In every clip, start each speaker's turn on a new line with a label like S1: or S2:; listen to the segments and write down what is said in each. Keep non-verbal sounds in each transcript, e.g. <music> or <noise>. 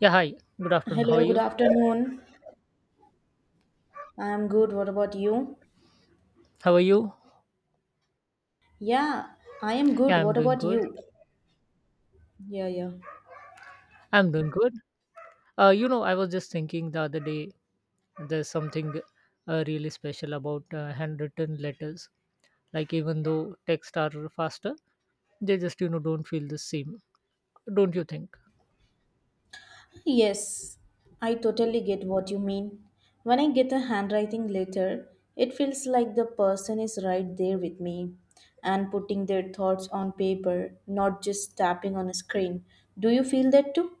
S1: Yeah, hi. Good afternoon. How are
S2: Hello, good
S1: you?
S2: afternoon. I am good. What about you?
S1: How are you?
S2: Yeah, I am good.
S1: Yeah, I'm
S2: What
S1: doing
S2: about
S1: good.
S2: you? Yeah, yeah.
S1: I'm doing good. I was just thinking the other day, there's something really special about handwritten letters. Like, even though text are faster, they just, don't feel the same. Don't you think?
S2: Yes, I totally get what you mean. When I get a handwriting letter, it feels like the person is right there with me and putting their thoughts on paper, not just tapping on a screen. Do you feel that too?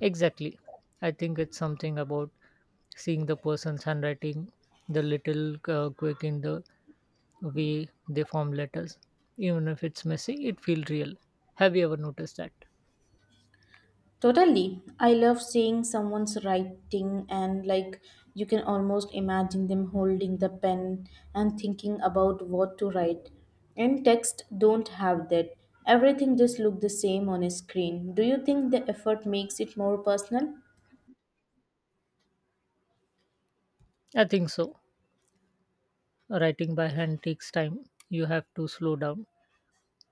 S1: Exactly. I think it's something about seeing the person's handwriting, the little quick in the way they form letters. Even if it's messy, it feels real. Have you ever noticed that?
S2: Totally. I love seeing someone's writing, and like you can almost imagine them holding the pen and thinking about what to write. And text don't have that. Everything just look the same on a screen. Do you think the effort makes it more personal?
S1: I think so. Writing by hand takes time. You have to slow down,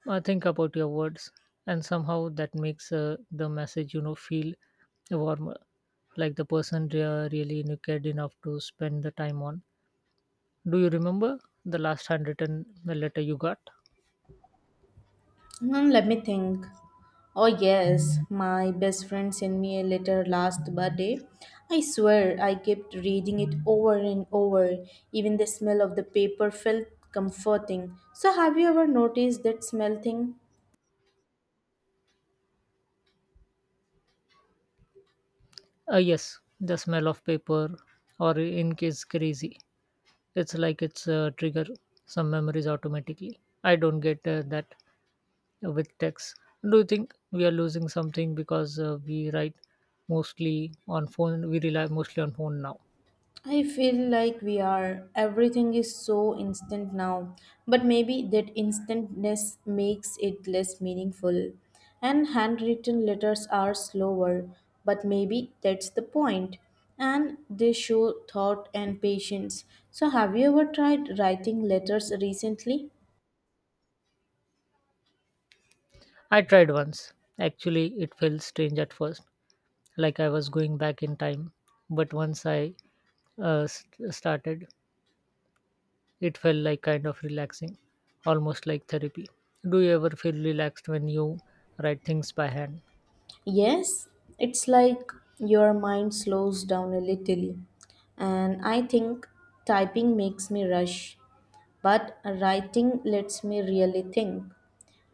S1: think about your words, and somehow that makes the message feel warmer, like the person really knew cared enough to spend the time on. Do you remember the last handwritten letter you got?
S2: Let me think. Oh, yes, my best friend sent me a letter last birthday. I swear I kept reading it over and over. Even the smell of the paper felt comforting. So, have you ever noticed that smell thing?
S1: Yes, the smell of paper, or in case crazy, it's like it's a trigger some memories automatically. I don't get that with text. Do you think we are losing something because we write mostly on phone? We rely mostly on phone now.
S2: I feel like we are. Everything is so instant now. But maybe that instantness makes it less meaningful. And handwritten letters are slower, but maybe that's the point. And they show thought and patience. So, have you ever tried writing letters recently?
S1: I tried once. Actually, it felt strange at first, like I was going back in time. But once I started, it felt like kind of relaxing, almost like therapy. Do you ever feel relaxed when you write things by hand?
S2: Yes, it's like your mind slows down a little, and I think typing makes me rush, but writing lets me really think.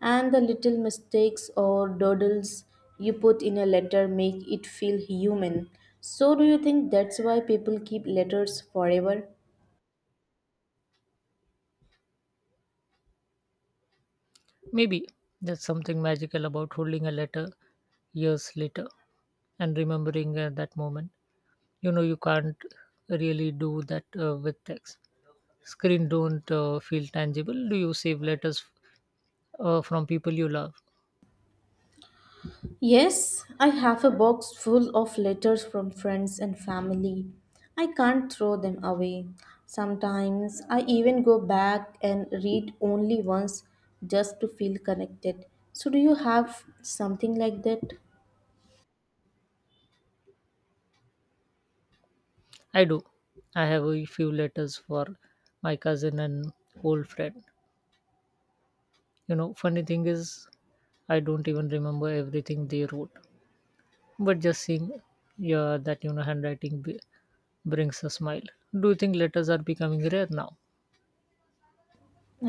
S2: And the little mistakes or doodles you put in a letter make it feel human. So, do you think that's why people keep letters forever?
S1: Maybe there's something magical about holding a letter years later and remembering that moment. You know, you can't really do that with text. Screen don't feel tangible. Do you save letters from people you love?
S2: Yes, I have a box full of letters from friends and family. I can't throw them away. Sometimes I even go back and read only once just to feel connected. So, do you have something like that?
S1: I do. I have a few letters for my cousin and old friend. You know, funny thing is, I don't even remember everything they wrote, but just seeing, yeah, that handwriting brings a smile. Do you think letters are becoming rare now?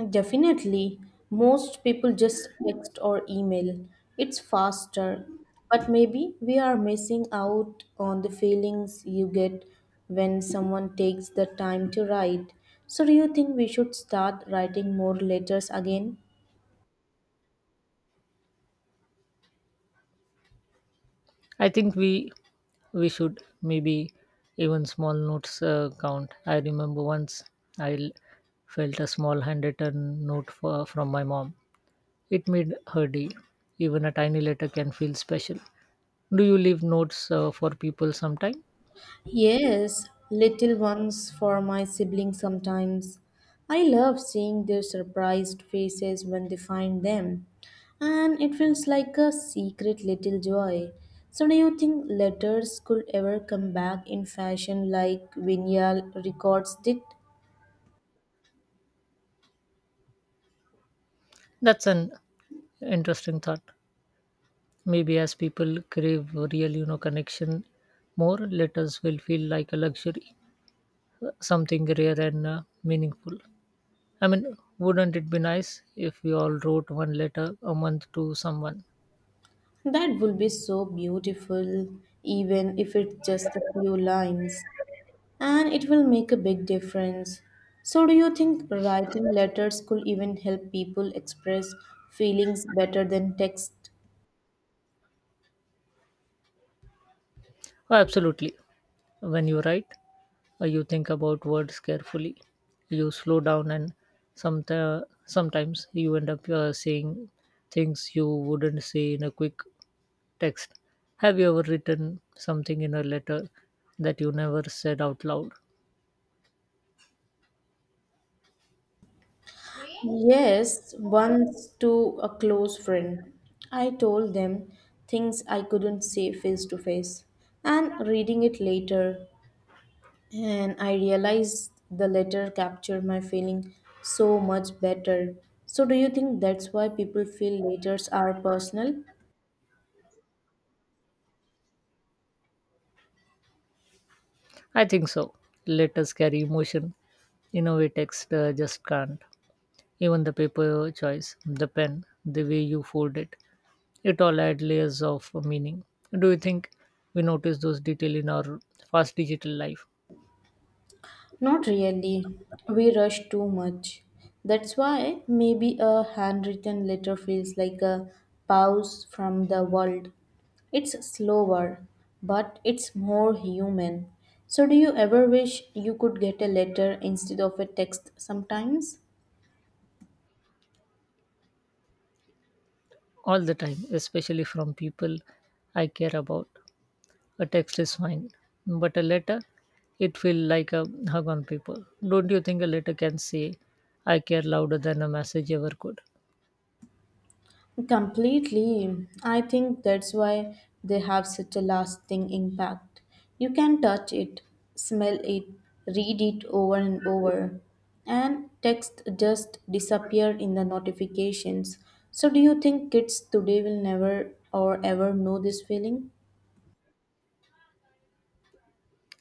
S2: Definitely. Most people just text or email. It's faster. But maybe we are missing out on the feelings you get when someone takes the time to write. So, do you think we should start writing more letters again?
S1: I think we should maybe even small notes count. I remember once I l- felt a small handwritten note for, from my mom. It made her day. Even a tiny letter can feel special. Do you leave notes for people sometime?
S2: Yes, little ones for my siblings sometimes. I love seeing their surprised faces when they find them, and it feels like a secret little joy. So, do you think letters could ever come back in fashion like vinyl records did?
S1: That's an interesting thought. Maybe as people crave real, connection more, letters will feel like a luxury, something rare and meaningful. I mean, wouldn't it be nice if we all wrote one letter a month to someone?
S2: That would be so beautiful, even if it's just a few lines. And it will make a big difference. So, do you think writing letters could even help people express feelings better than text?
S1: Oh, absolutely. When you write, you think about words carefully. You slow down, and sometimes you end up saying things you wouldn't say in a quick text. Have you ever written something in a letter that you never said out loud?
S2: Yes, once to a close friend. I told them things I couldn't say face to face, and reading it later, and I realized the letter captured my feeling so much better. So, do you think that's why people feel letters are personal?
S1: I think so. Letters carry emotion in a way text just can't. Even the paper choice, the pen, the way you fold it, it all adds layers of meaning. Do you think we notice those details in our fast digital life?
S2: Not really. We rush too much. That's why maybe a handwritten letter feels like a pause from the world. It's slower, but it's more human. So, do you ever wish you could get a letter instead of a text sometimes?
S1: All the time, especially from people I care about. A text is fine, but a letter, it feels like a hug on paper. Don't you think a letter can say, I care, louder than a message ever could?
S2: Completely. I think that's why they have such a lasting impact. You can touch it, smell it, read it over and over, and text just disappear in the notifications. So, do you think kids today will never or ever know this feeling?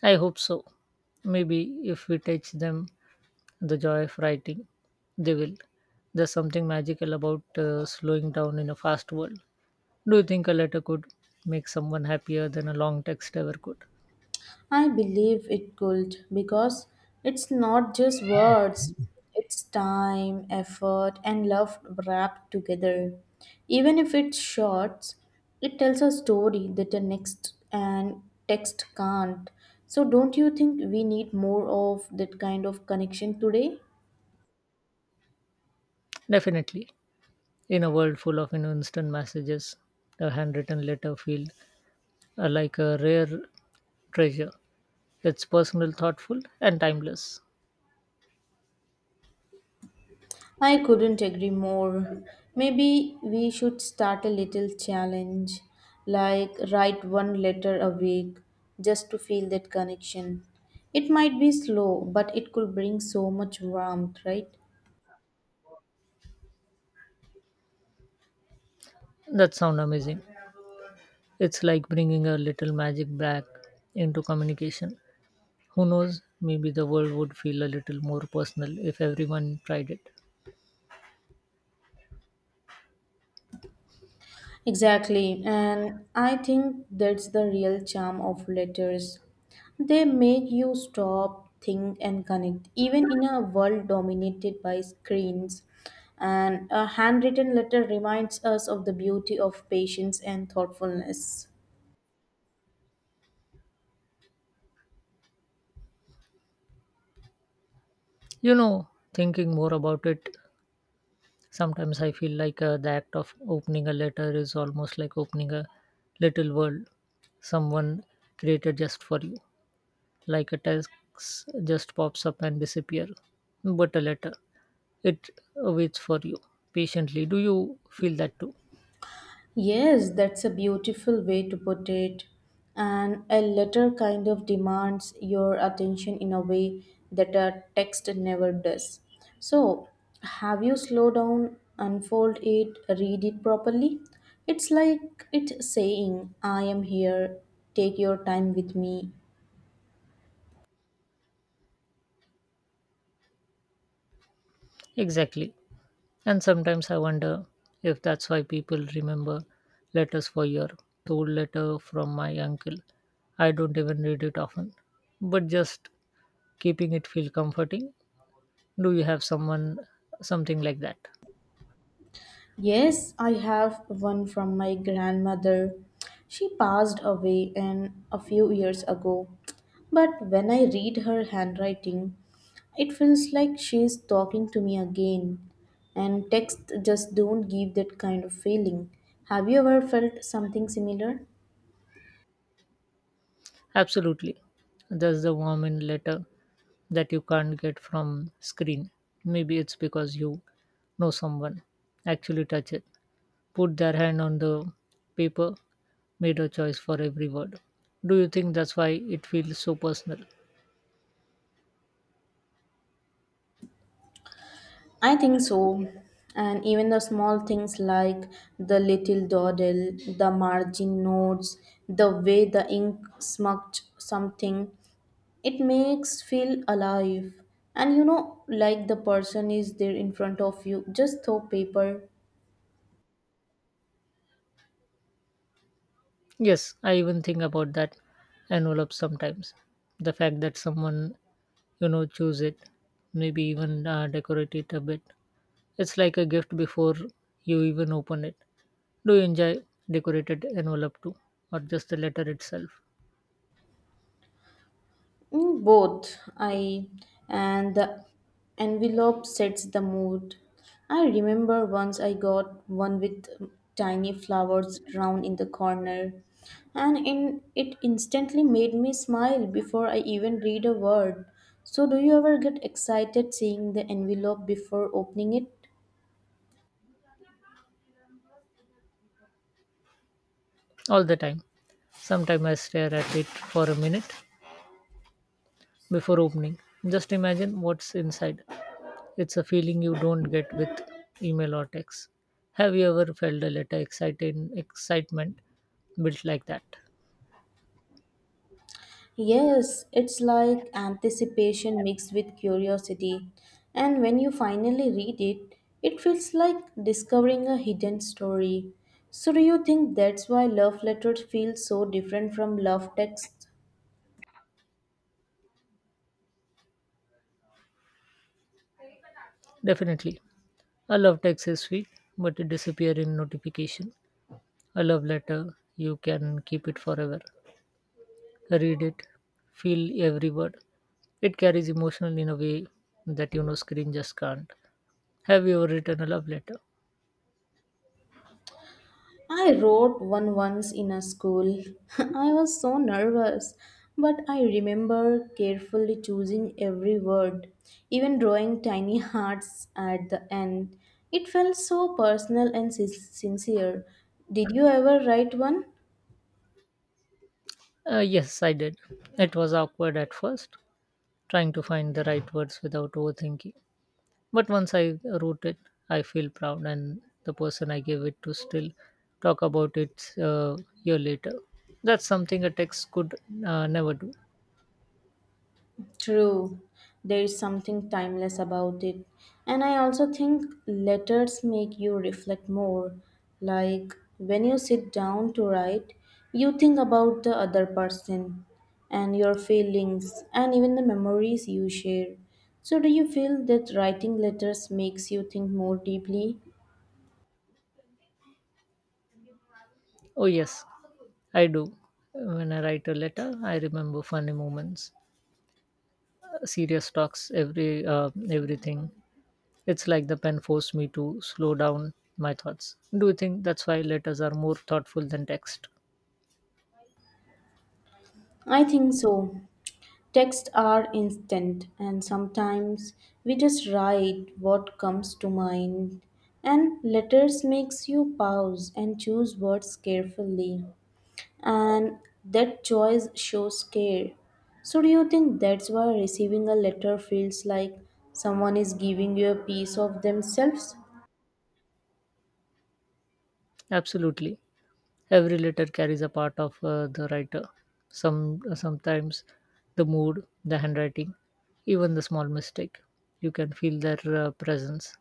S1: I hope so. Maybe if we teach them the joy of writing, they will. There's something magical about slowing down in a fast world. Do you think a letter could make someone happier than a long text ever could?
S2: I believe it could, because it's not just words, it's time, effort, and love wrapped together. Even if it's short, it tells a story that the next and text can't. So, don't you think we need more of that kind of connection today?
S1: Definitely. In a world full of, instant messages, a handwritten letter feels like a rare treasure. It's personal, thoughtful, and timeless.
S2: I couldn't agree more. Maybe we should start a little challenge, like write one letter a week just to feel that connection. It might be slow, but it could bring so much warmth, right?
S1: That sounds amazing. It's like bringing a little magic back into communication. Who knows, maybe the world would feel a little more personal if everyone tried it.
S2: Exactly, and I think that's the real charm of letters. They make you stop, think, and connect, even in a world dominated by screens. And a handwritten letter reminds us of the beauty of patience and thoughtfulness.
S1: You know, thinking more about it, sometimes I feel like the act of opening a letter is almost like opening a little world someone created just for you. Like a text just pops up and disappear, but a letter, it waits for you patiently. Do you feel that too?
S2: Yes, that's a beautiful way to put it. And a letter kind of demands your attention in a way that a text never does. So, have you slow down, unfold it, read it properly? It's like it's saying, I am here, take your time with me.
S1: Exactly. And sometimes I wonder if that's why people remember letters for year. Told letter from my uncle. I don't even read it often, but just keeping it feel comforting. Do you have someone, something like that?
S2: Yes, I have one from my grandmother. She passed away in a few years ago. But when I read her handwriting, it feels like she is talking to me again. And texts just don't give that kind of feeling. Have you ever felt something similar?
S1: Absolutely. There's the warm in letter that you can't get from screen. Maybe it's because someone actually touch it, put their hand on the paper, made a choice for every word. Do you think that's why it feels so personal?
S2: I think so. And even the small things, like the little dawdle, the margin notes, the way the ink smudged something, it makes feel alive, and like the person is there in front of you, just throw paper.
S1: Yes, I even think about that envelope sometimes. The fact that someone, choose it, maybe even decorate it a bit. It's like a gift before you even open it. Do you enjoy decorated envelope too, or just the letter itself?
S2: Mm, both. I And the envelope sets the mood. I remember once I got one with tiny flowers round in the corner, and it instantly made me smile before I even read a word. So do you ever get excited seeing the envelope before opening it?
S1: All the time. Sometimes I stare at it for a minute, before opening. Just imagine what's inside. It's a feeling you don't get with email or text. Have you ever felt a letter excited, excitement built like that?
S2: Yes, it's like anticipation mixed with curiosity. And when you finally read it, it feels like discovering a hidden story. So, do you think that's why love letters feel so different from love texts?
S1: Definitely. I love text is sweet, but it disappear in notification. A love letter, you can keep it forever. Read it, feel every word. It carries emotional in a way that screen just can't. Have you ever written a love letter?
S2: I wrote one once in a school. <laughs> I was so nervous, but I remember carefully choosing every word, even drawing tiny hearts at the end. It felt so personal and sincere. Did you ever write one?
S1: Yes, I did. It was awkward at first, trying to find the right words without overthinking. But once I wrote it, I feel proud, and the person I gave it to still talk about it a year later. That's something a text could never do.
S2: True, there is something timeless about it. And I also think letters make you reflect more. Like when you sit down to write, you think about the other person and your feelings and even the memories you share. So, do you feel that writing letters makes you think more deeply?
S1: Oh, yes, I do. When I write a letter, I remember funny moments, serious talks, everything. It's like the pen forced me to slow down my thoughts. Do you think that's why letters are more thoughtful than text?
S2: I think so. Texts are instant, and sometimes we just write what comes to mind. And letters makes you pause and choose words carefully, and that choice shows care. So do you think that's why receiving a letter feels like someone is giving you a piece of themselves?
S1: Absolutely. Every letter carries a part of the writer. Sometimes the mood, the handwriting, even the small mistake. You can feel their presence.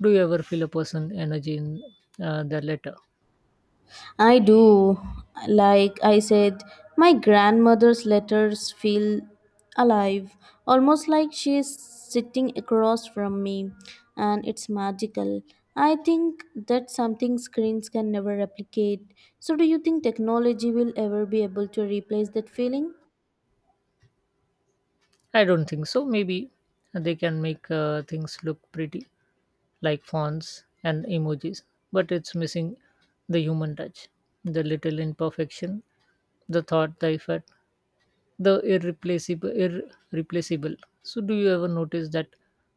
S1: Do you ever feel a person energy in their letter?
S2: I do. Like I said, my grandmother's letters feel alive, almost like she is sitting across from me, and it's magical. I think that's something screens can never replicate. So, do you think technology will ever be able to replace that feeling?
S1: I don't think so. Maybe they can make things look pretty, like fonts and emojis, but it's missing the human touch, the little imperfection, the thought, the effort, the irreplaceable. So do you ever notice that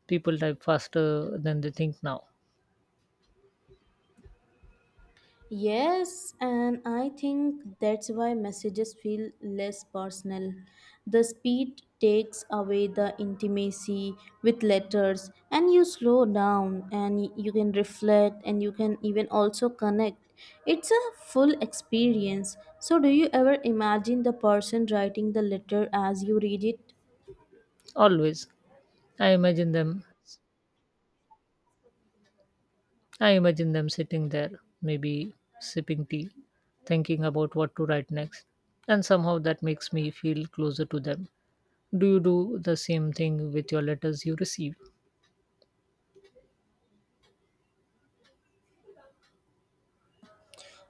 S1: people type faster than they think now?
S2: Yes, and I think that's why messages feel less personal. The speed takes away the intimacy. With letters, and you slow down, and you can reflect, and you can even also connect. It's a full experience. So, do you ever imagine the person writing the letter as you read it?
S1: Always. I imagine them i imagine them sitting there, maybe sipping tea, thinking about what to write next, and somehow that makes me feel closer to them. Do you do the same thing with your letters you receive?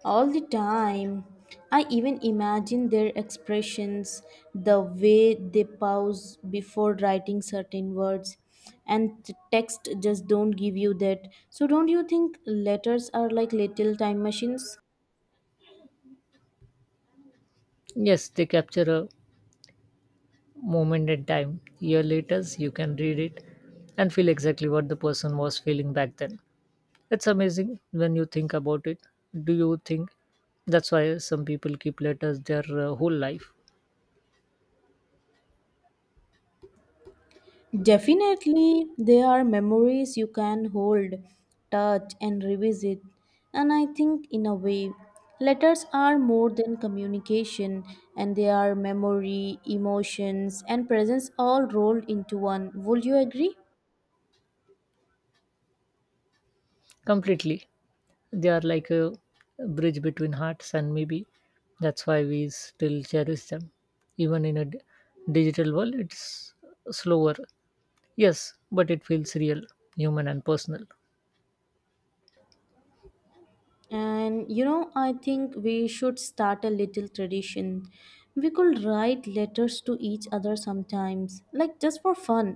S2: All the time. I even imagine their expressions, the way they pause before writing certain words, and the text just don't give you that. So, don't you think letters are like little time machines?
S1: Yes, they capture a moment in time. Year later you can read it and feel exactly what the person was feeling back then. It's amazing when you think about it. Do you think that's why some people keep letters their whole life?
S2: Definitely, they are memories you can hold, touch, and revisit. And I think, in a way, letters are more than communication, and they are memory, emotions, and presence all rolled into one. Would you agree?
S1: Completely. They are like a bridge between hearts, and maybe that's why we still cherish them. Even in a digital world, it's slower. Yes, but it feels real, human, and personal.
S2: And I think we should start a little tradition. We could write letters to each other sometimes, like just for fun.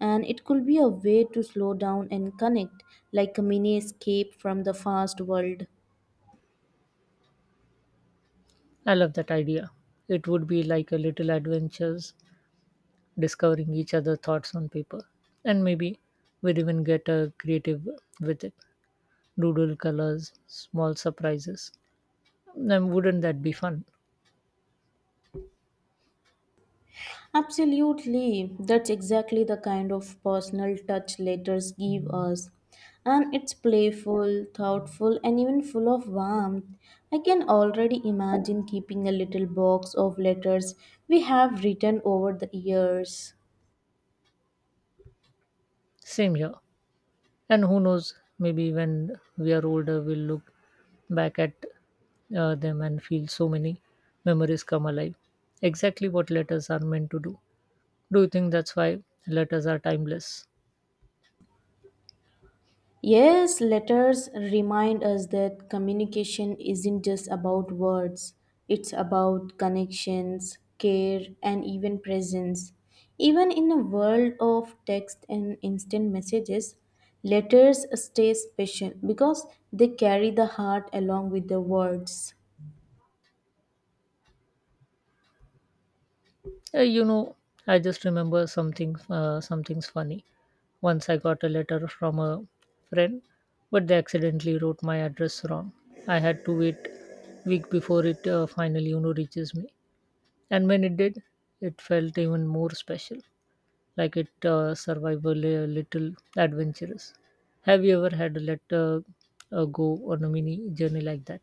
S2: And it could be a way to slow down and connect, like a mini escape from the fast world.
S1: I love that idea. It would be like a little adventures discovering each other thoughts on paper. And maybe we'd even get creative with it, doodle colors, small surprises. Then wouldn't that be fun?
S2: Absolutely. That's exactly the kind of personal touch letters give us. And it's playful, thoughtful, and even full of warmth. I can already imagine keeping a little box of letters we have written over the years.
S1: Same here. And who knows, maybe when we are older, we'll look back at them and feel so many memories come alive. Exactly what letters are meant to do. Do you think that's why letters are timeless?
S2: Yes, letters remind us that communication isn't just about words, it's about connections, care, and even presence. Even in a world of text and instant messages, letters stay special because they carry the heart along with the words.
S1: Uh, you know, I just remember something. Something's funny. Once I got a letter from a friend, but they accidentally wrote my address wrong. I had to wait week before it finally, reaches me. And when it did, it felt even more special, like it survived a little adventurous. Have you ever had a letter go on a mini journey like that?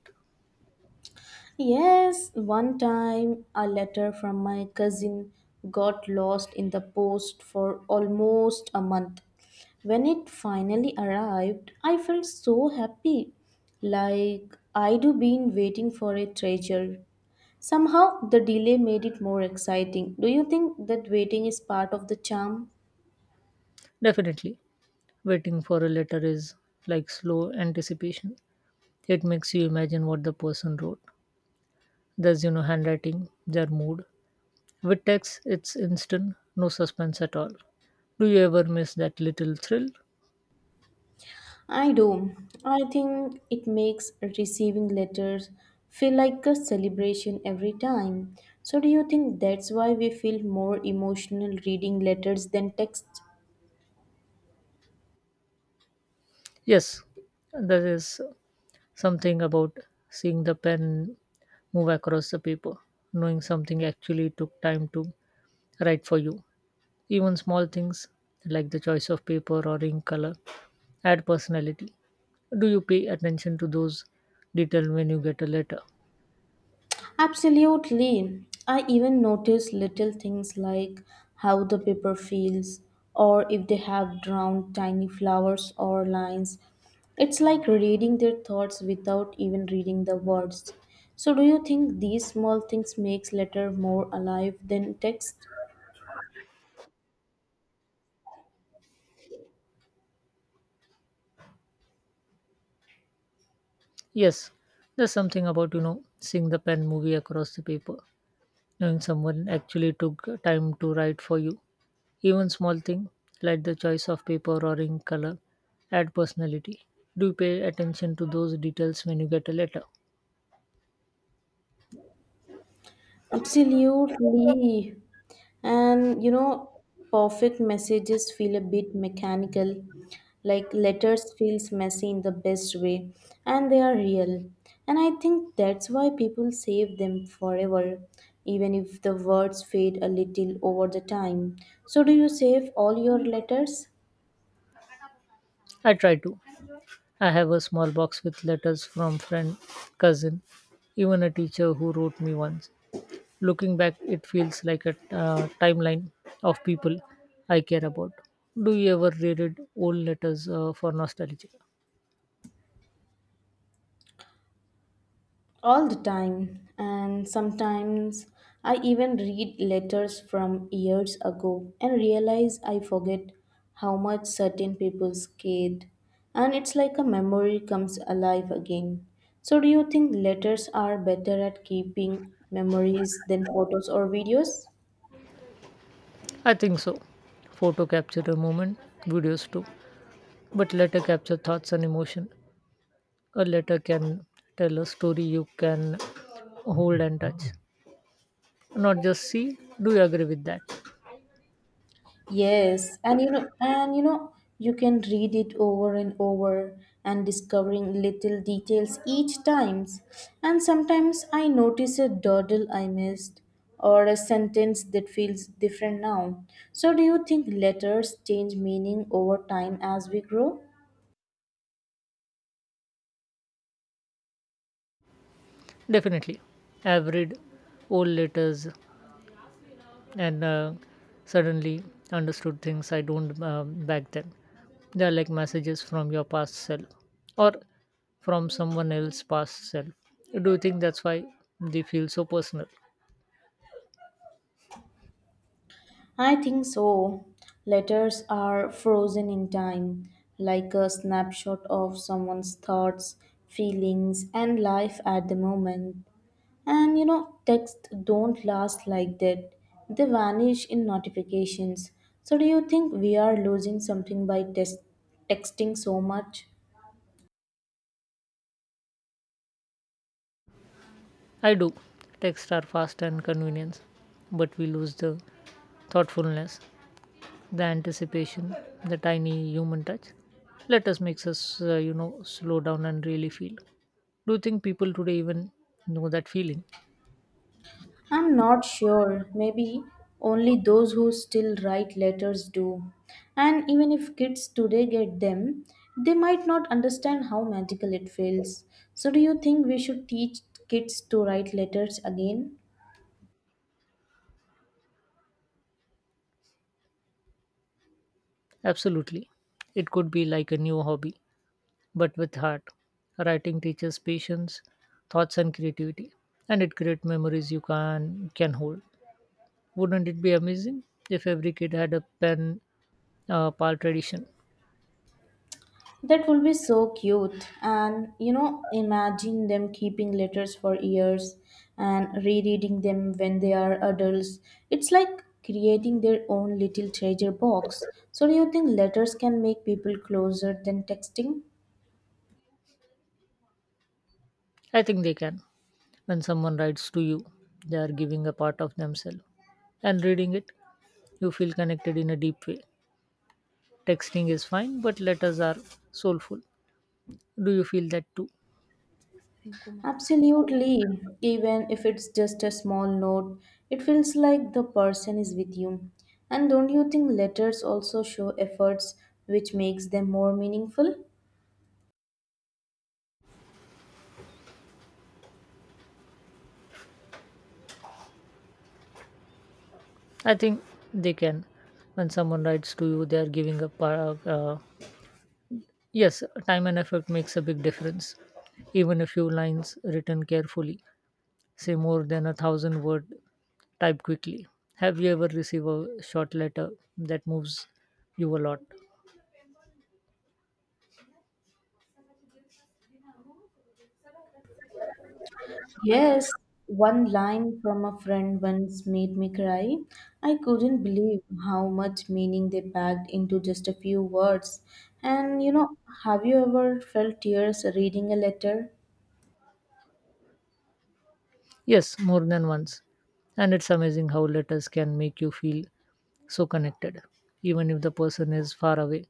S2: Yes, one time a letter from my cousin got lost in the post for almost a month. When it finally arrived, I felt so happy, like I'd been waiting for a treasure. Somehow, the delay made it more exciting. Do you think that waiting is part of the charm?
S1: Definitely. Waiting for a letter is like slow anticipation. It makes you imagine what the person wrote. There's, handwriting, their mood. With text, it's instant, no suspense at all. Do you ever miss that little thrill?
S2: I do. I think it makes receiving letters feel like a celebration every time. So, do you think that's why we feel more emotional reading letters than text?
S1: Yes, there is something about seeing the pen move across the paper, knowing something actually took time to write for you. Even small things like the choice of paper or ink color add personality. Do you pay attention to those details when you get a letter?
S2: Absolutely. I even notice little things like how the paper feels, or if they have drawn tiny flowers or lines. It's like reading their thoughts without even reading the words. So do you think these small things makes letter more alive than text?
S1: Yes, there's something about, seeing the pen movie across the paper, knowing someone actually took time to write for you. Even small thing like the choice of paper or ink color add personality. Do you pay attention to those details when you get a letter?
S2: Absolutely. And perfect messages feel a bit mechanical, like letters feels messy in the best way, and they are real. And I think that's why people save them forever, even if the words fade a little over the time. So do you save all your letters?
S1: I try to. I have a small box with letters from friend, cousin, even a teacher who wrote me once. Looking back, it feels like a timeline of people I care about. Do you ever reread old letters for nostalgia?
S2: All the time. And sometimes I even read letters from years ago and realize I forget how much certain people cared, and it's like a memory comes alive again. So do you think letters are better at keeping memories than photos or videos?
S1: I think so. Photo capture a moment, videos too. But letter capture thoughts and emotion. A letter can tell a story you can hold and touch, not just see. Do you agree with that?
S2: Yes, you can read it over and over and discovering little details each times. And sometimes I notice a doodle I missed or a sentence that feels different now. So do you think letters change meaning over time as we grow?
S1: Definitely. I've read old letters and suddenly understood things I don't back then. They are like messages from your past self or from someone else's past self. Do you think that's why they feel so personal?
S2: I think so. Letters are frozen in time, like a snapshot of someone's thoughts, feelings, and life at the moment. And texts don't last like that. They vanish in notifications. So do you think we are losing something by texting so much?
S1: I do. Texts are fast and convenience, but we lose the thoughtfulness, the anticipation, the tiny human touch. Let us makes us, slow down and really feel. Do you think people today even know that feeling?
S2: I'm not sure. Maybe only those who still write letters do. And even if kids today get them, they might not understand how magical it feels. So do you think we should teach kids to write letters again?
S1: Absolutely. It could be like a new hobby, but with heart. Writing teaches patience, thoughts, and creativity, and it creates memories you can hold. Wouldn't it be amazing if every kid had a pen pal tradition?
S2: That will be so cute. And imagine them keeping letters for years and rereading them when they are adults. It's like creating their own little treasure box. So, do you think letters can make people closer than texting?
S1: I think they can. When someone writes to you, they are giving a part of themselves, and reading it, you feel connected in a deep way. Texting is fine, but letters are soulful. Do you feel that too?
S2: Absolutely. Even if it's just a small note, it feels like the person is with you. And don't you think letters also show efforts, which makes them more meaningful?
S1: I think they can. When someone writes to you, they are giving a yes, time and effort makes a big difference. Even a few lines written carefully, say more than a thousand word typed quickly. Have you ever received a short letter that moves you a lot?
S2: Yes, one line from a friend once made me cry. I couldn't believe how much meaning they packed into just a few words. And have you ever felt tears reading a letter?
S1: Yes, more than once. And it's amazing how letters can make you feel so connected, even if the person is far away.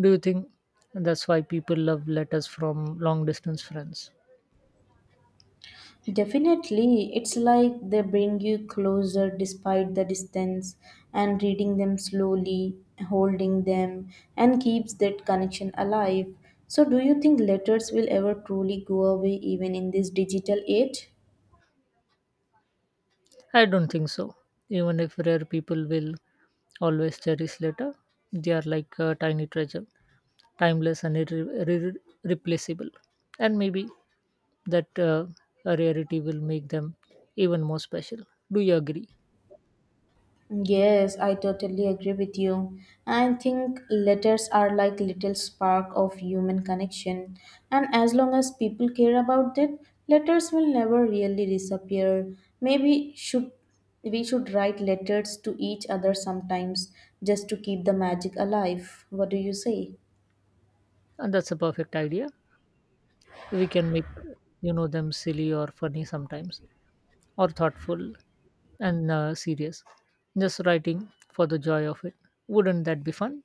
S1: Do you think that's why people love letters from long distance friends?
S2: Definitely, it's like they bring you closer despite the distance, and reading them slowly, holding them, and keeps that connection alive. So, do you think letters will ever truly go away even in this digital age?
S1: I don't think so. Even if rare people will always cherish later, they are like a tiny treasure, timeless and irreplaceable. And maybe that rarity will make them even more special. Do you agree?
S2: Yes, I totally agree with you. I think letters are like little spark of human connection, and as long as people care about it, letters will never really disappear. Maybe should we should write letters to each other sometimes just to keep the magic alive. What do you say?
S1: And that's a perfect idea. We can make, them silly or funny sometimes, or thoughtful and serious. Just writing for the joy of it. Wouldn't that be fun?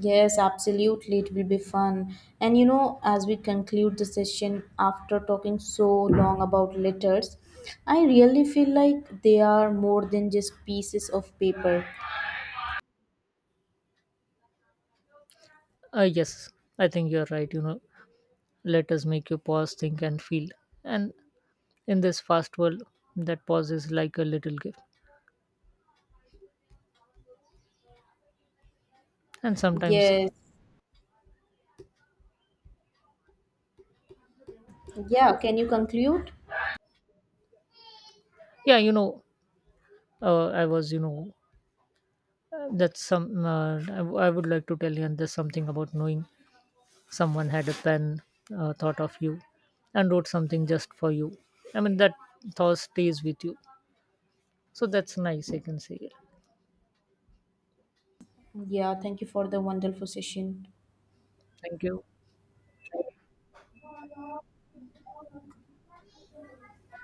S2: Yes, absolutely. It will be fun. And as we conclude the session after talking so long about letters, I really feel like they are more than just pieces of paper.
S1: Yes, I think you're right. You know, let us make you pause, think, and feel. And in this fast world, that pause is like a little gift. And sometimes,
S2: Yes. Yeah, can you conclude?
S1: yeah, I was, you know, that's some, I, w- I would like to tell you, and there's something about knowing someone had a pen, thought of you, and wrote something just for you. I mean, that thought stays with you. So that's nice, I can say.
S2: Yeah, thank you for the wonderful session.
S1: Thank you.